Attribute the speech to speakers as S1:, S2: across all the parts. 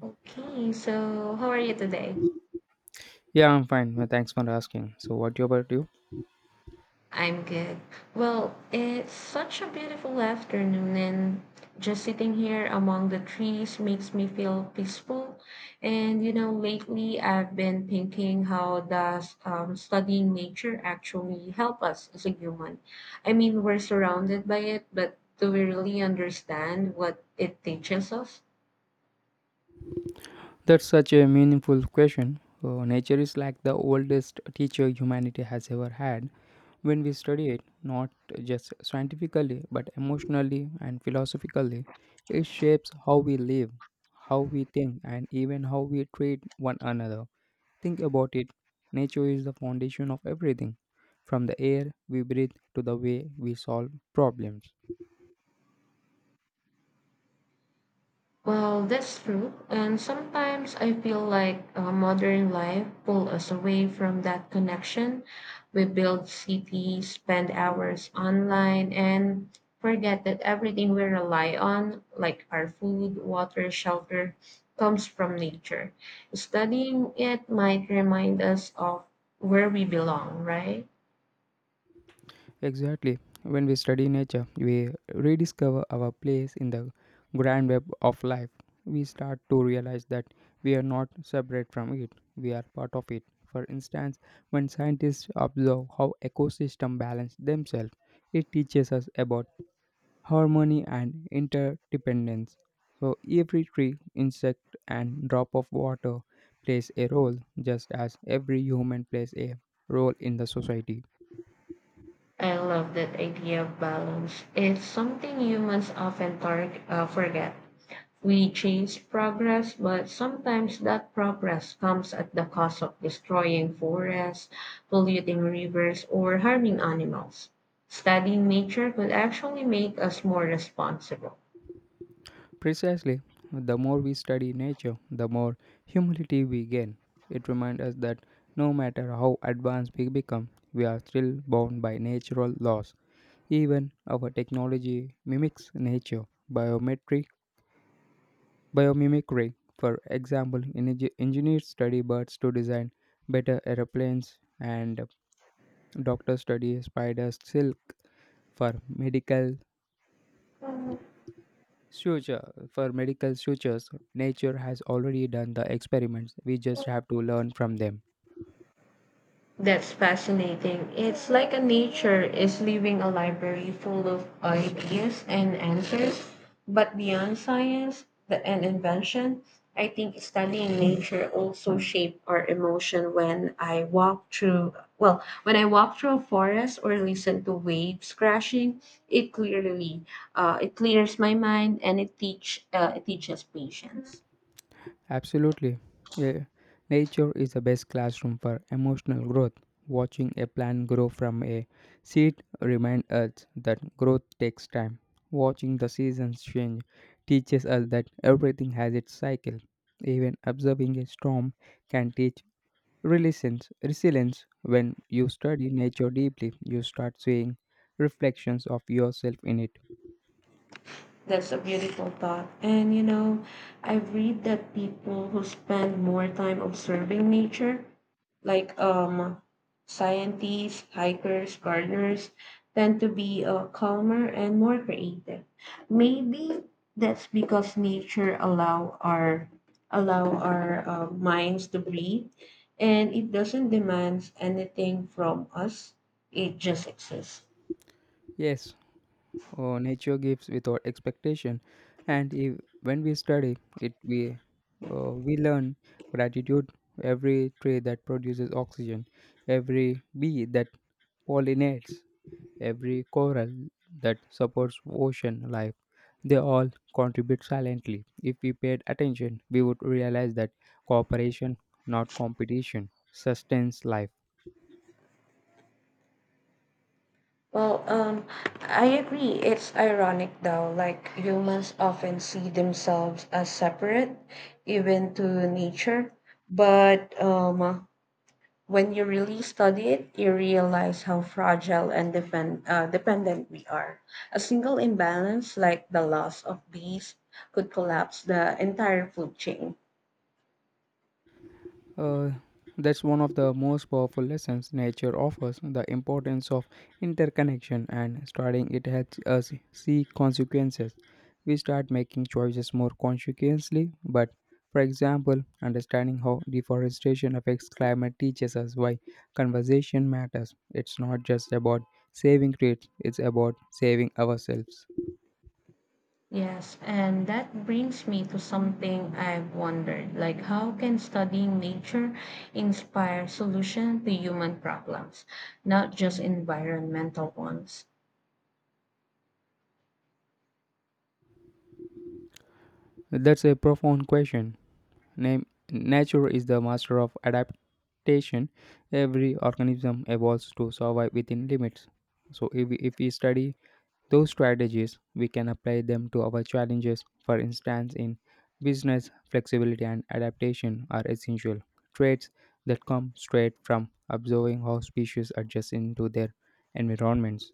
S1: Okay, so how are you today?
S2: Yeah, I'm fine. Well, thanks for asking. So, what about you?
S1: I'm good. Well, it's such a beautiful afternoon, and just sitting here among the trees makes me feel peaceful. And you know, lately I've been thinking how does studying nature actually help us as a human? I mean, we're surrounded by it, but do we really understand what it teaches us?
S2: That's such a meaningful question. Nature is like the oldest teacher humanity has ever had. When we study it, not just scientifically, but emotionally and philosophically, it shapes how we live, how we think, and even how we treat one another. Think about it, nature is the foundation of everything, from the air we breathe to the way we solve problems.
S1: Well, that's true. And sometimes I feel like modern life pull us away from that connection. We build cities, spend hours online, and forget that everything we rely on, like our food, water, shelter, comes from nature. Studying it might remind us of where we belong, right?
S2: Exactly. When we study nature, we rediscover our place in the grand web of life. We start to realize that we are not separate from it, we are part of it. For instance, when scientists observe how ecosystems balance themselves, it teaches us about harmony and interdependence. So every tree, insect, and drop of water plays a role, just as every human plays a role in the society.
S1: I love that idea of balance. It's something humans often forget. We chase progress, but sometimes that progress comes at the cost of destroying forests, polluting rivers, or harming animals. Studying nature could actually make us more responsible.
S2: Precisely, the more we study nature, the more humility we gain. It reminds us that no matter how advanced we become, we are still bound by natural laws. Even our technology mimics nature. Biometric biomimicry, for example, engineers study birds to design better aeroplanes, and doctors study spiders' silk for medical medical sutures. Nature has already done the experiments. We just have to learn from them.
S1: That's fascinating. It's like a nature is leaving a library full of ideas and answers. But beyond and invention, I think studying nature also shape our emotion when I walk through when I walk through a forest or listen to waves crashing, it clearly it clears my mind and it teach it teaches patience.
S2: Absolutely. Yeah. Nature is the best classroom for emotional growth. Watching a plant grow from a seed reminds us that growth takes time. Watching the seasons change teaches us that everything has its cycle. Even observing a storm can teach resilience. When you study nature deeply, you start seeing reflections of yourself in it.
S1: That's a beautiful thought. And you know, I read that people who spend more time observing nature, like scientists, hikers, gardeners, tend to be calmer and more creative. Maybe that's because nature allow our minds to breathe, and it doesn't demand anything from us. It just exists.
S2: Yes. Oh, nature gives without expectation, and if, when we study it, we learn gratitude. Every tree that produces oxygen, every bee that pollinates, every coral that supports ocean life, they all contribute silently. If we paid attention, we would realize that cooperation, not competition, sustains life.
S1: Well, I agree. It's ironic though, like humans often see themselves as separate, even to nature. But when you really study it, you realize how fragile and dependent we are. A single imbalance, like the loss of bees, could collapse the entire food chain.
S2: Uh, that's one of the most powerful lessons nature offers: the importance of interconnection, and studying it helps us see consequences. We start making choices more consciously. But for example, understanding how deforestation affects climate teaches us why conversation matters. It's not just about saving trees, it's about saving ourselves.
S1: Yes, and that brings me to something I've wondered, like how can studying nature inspire solution to human problems, not just environmental ones?
S2: That's a profound question. Name, Nature is the master of adaptation. Every organism evolves to survive within limits. So if we study those strategies, we can apply them to our challenges. For instance, in business, flexibility and adaptation are essential traits that come straight from observing how species adjust into their environments.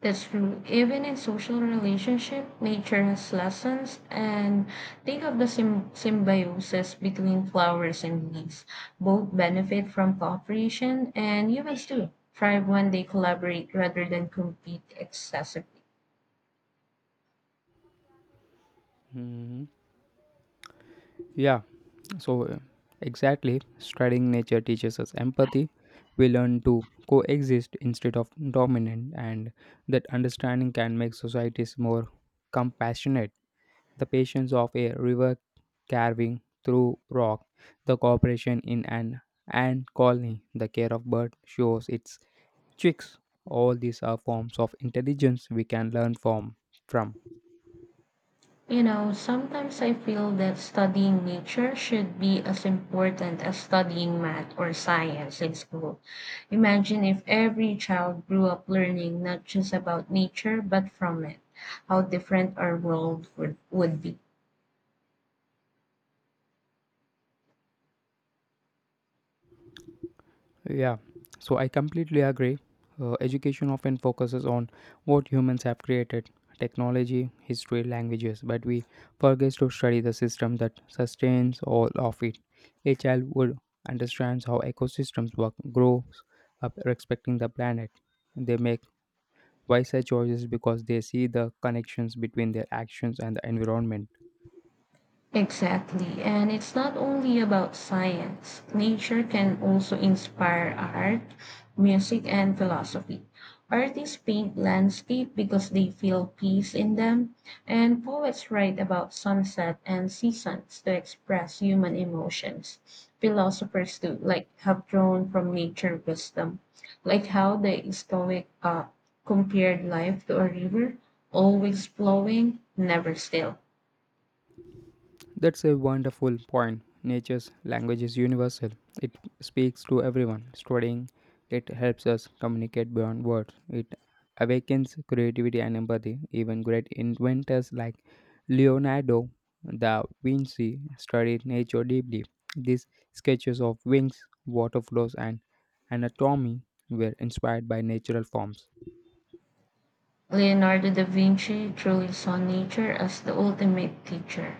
S1: That's true. Even in social relationship, nature has lessons, and think of the symbiosis between flowers and leaves. Both benefit from cooperation, and humans too thrive when they collaborate rather than compete excessively.
S2: Mhm. Yeah, so uh, exactly, studying nature teaches us empathy. We learn to coexist instead of dominant, and that understanding can make societies more compassionate. The patience of a river carving through rock, the cooperation in an ant colony, the care of bird shows its tricks. All these are forms of intelligence we can learn from.
S1: You know, sometimes I feel that studying nature should be as important as studying math or science in school. Imagine if every child grew up learning not just about nature but from it, how different our would be.
S2: Yeah, so I completely agree. Education often focuses on what humans have created: technology, history, languages, but we forget to study the system that sustains all of it. A child would understands how ecosystems work, grows up respecting the planet. They make wiser choices because they see the connections between their actions and the environment.
S1: Exactly. And it's not only about science. Nature can also inspire art, music, and philosophy. Artists paint landscape because they feel peace in them, and poets write about sunset and seasons to express human emotions. Philosophers too, like have drawn from nature wisdom, like how the Stoic compared life to a river, always flowing, never still.
S2: That's a wonderful point. Nature's language is universal. It speaks to everyone. Studying it helps us communicate beyond words. It awakens creativity and empathy. Even great inventors like Leonardo da Vinci studied nature deeply. These sketches of wings, water flows, and anatomy were inspired by natural forms.
S1: Leonardo da Vinci truly saw nature as the ultimate teacher.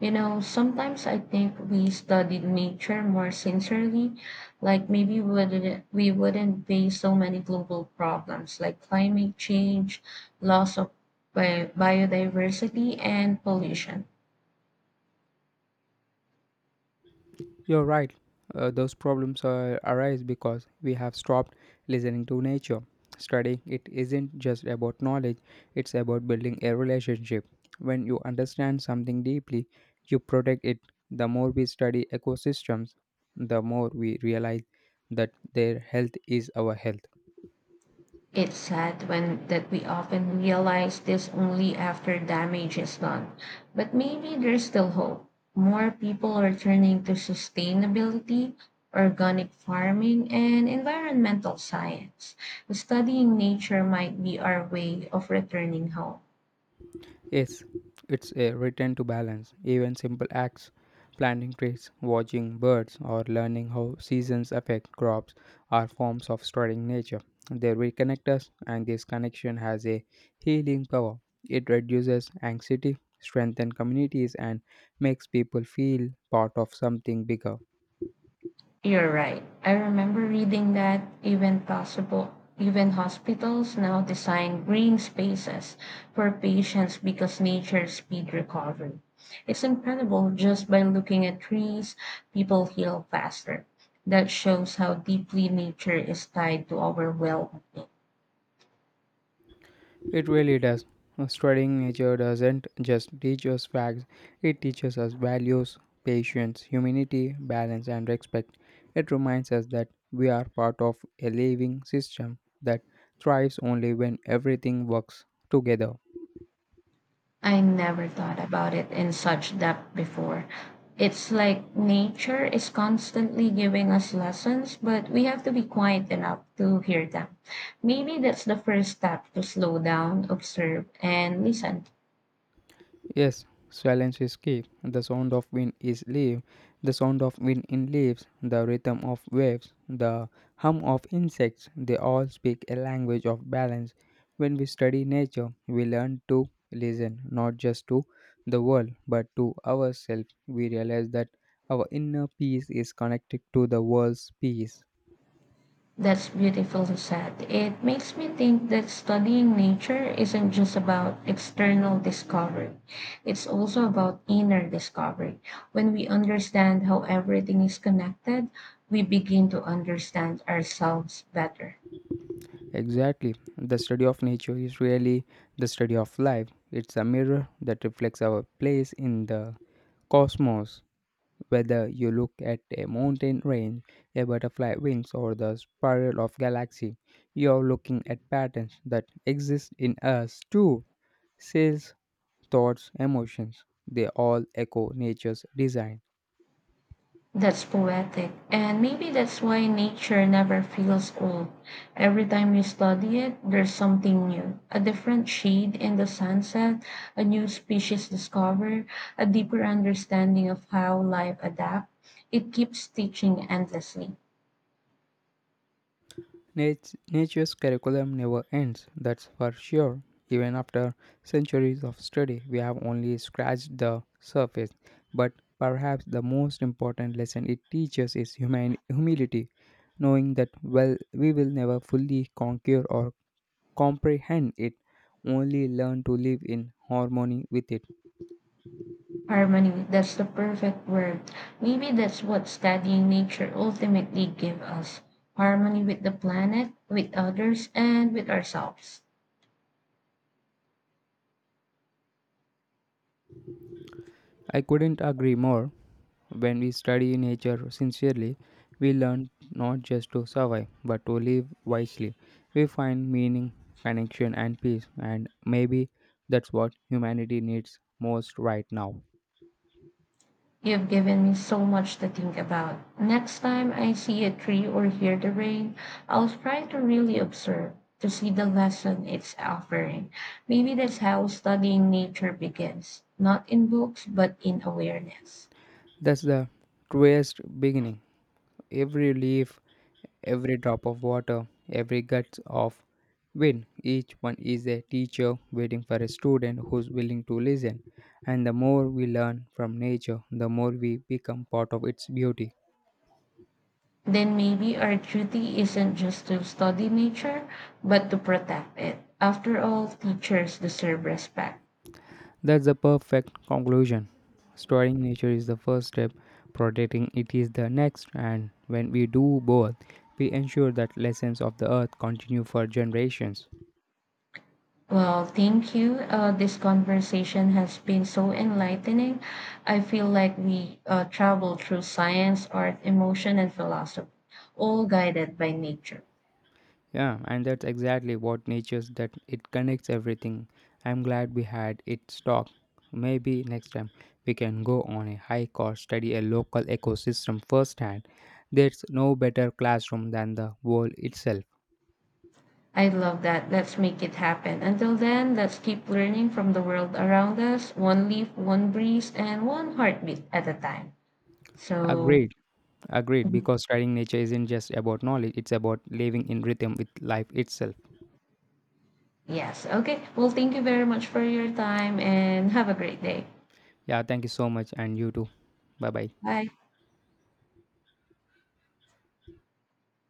S1: You know, sometimes I think we studied nature more sincerely, like maybe we wouldn't face so many global problems like climate change, loss of biodiversity, and pollution.
S2: You're right. Those problems arise because we have stopped listening to nature. Studying it isn't just about knowledge, it's about building a relationship. When you understand something deeply, you protect it. The more we study ecosystems, the more we realize that their health is our health.
S1: It's sad when that we often realize this only after damage is done. But maybe there's still hope. More people are turning to sustainability, organic farming, and environmental science. Studying nature might be our way of returning home.
S2: Yes, it's a return to balance. Even simple acts, planting trees, watching birds, or learning how seasons affect crops are forms of studying nature. They reconnect us, and this connection has a healing power. It reduces anxiety, strengthens communities, and makes people feel part of something bigger.
S1: You're right. I remember reading that even hospitals now design green spaces for patients because nature speed recovery. It's incredible just by looking at trees, people heal faster. That shows how deeply nature is tied to our well-being.
S2: It really does. Studying nature doesn't just teach us facts, it teaches us values: patience, humanity, balance, and respect. It reminds us that we are part of a living system that thrives only when everything works together.
S1: I never thought about it in such depth before. It's like nature is constantly giving us lessons, but we have to be quiet enough to hear them. Maybe that's the first step to slow down, observe, and listen.
S2: Yes, silence is key. The sound of wind in leaves, the rhythm of waves, the hum of insects, they all speak a language of balance. When we study nature, we learn to listen not just to the world but to ourselves. We realize that our inner peace is connected to the world's peace.
S1: That's beautiful, Seth. It makes me think that studying nature isn't just about external discovery. It's also about inner discovery. When we understand how everything is connected, we begin to understand ourselves better.
S2: Exactly. The study of nature is really the study of life. It's a mirror that reflects our place in the cosmos. Whether you look at a mountain range, a butterfly wings, or the spiral of galaxy, you're looking at patterns that exist in us too. Cells, thoughts, emotions, they all echo nature's design.
S1: That's poetic. And maybe that's why nature never feels old. Every time you study it, there's something new a different shade in the sunset, a new species discovered, a deeper understanding of how life adapts. It keeps teaching endlessly.
S2: Nature's curriculum never ends, that's for sure. Even after centuries of study, we have only scratched the surface. But perhaps the most important lesson it teaches is humility, knowing that well we will never fully conquer or comprehend it, only learn to live in harmony with it.
S1: Harmony, that's the perfect word. Maybe that's what studying nature ultimately gives us harmony with the planet, with others, and with ourselves.
S2: I couldn't agree more. When we study nature sincerely, we learn not just to survive, but to live wisely. We find meaning, connection, and peace, and maybe that's what humanity needs most right now.
S1: You've given me so much to think about. Next time I see a tree or hear the rain, I'll try to really observe to see the lesson it's offering. Maybe that's how studying nature begins, not in books, but in awareness.
S2: That's the truest beginning. Every leaf, every drop of water, every gust of wind, each one is a teacher waiting for a student who's willing to listen. And the more we learn from nature, the more we become part of its beauty.
S1: Then maybe our duty isn't just to study nature, but to protect it. After all, teachers deserve respect.
S2: That's the perfect conclusion. Studying nature is the first step, protecting it is the next, and when we do both, we ensure that lessons of the earth continue for generations.
S1: Well, thank you. This conversation has been so enlightening. I feel like we travel through science, art, emotion, and philosophy, all guided by nature.
S2: Yeah, and that's exactly what nature's that it connects everything. I'm glad we had it talk. Maybe next time we can go on a hike or study a local ecosystem firsthand. There's no better classroom than the world itself.
S1: I love that. Let's make it happen. Until then, let's keep learning from the world around us, one leaf, one breeze, and one heartbeat at a time. So,
S2: Agreed, agreed, because studying nature isn't just about knowledge, it's about living in rhythm with life itself.
S1: yes. Okay. Well, thank you very much for your time and have a great day.
S2: Yeah, thank you so much, and you too. Bye bye.
S1: Bye.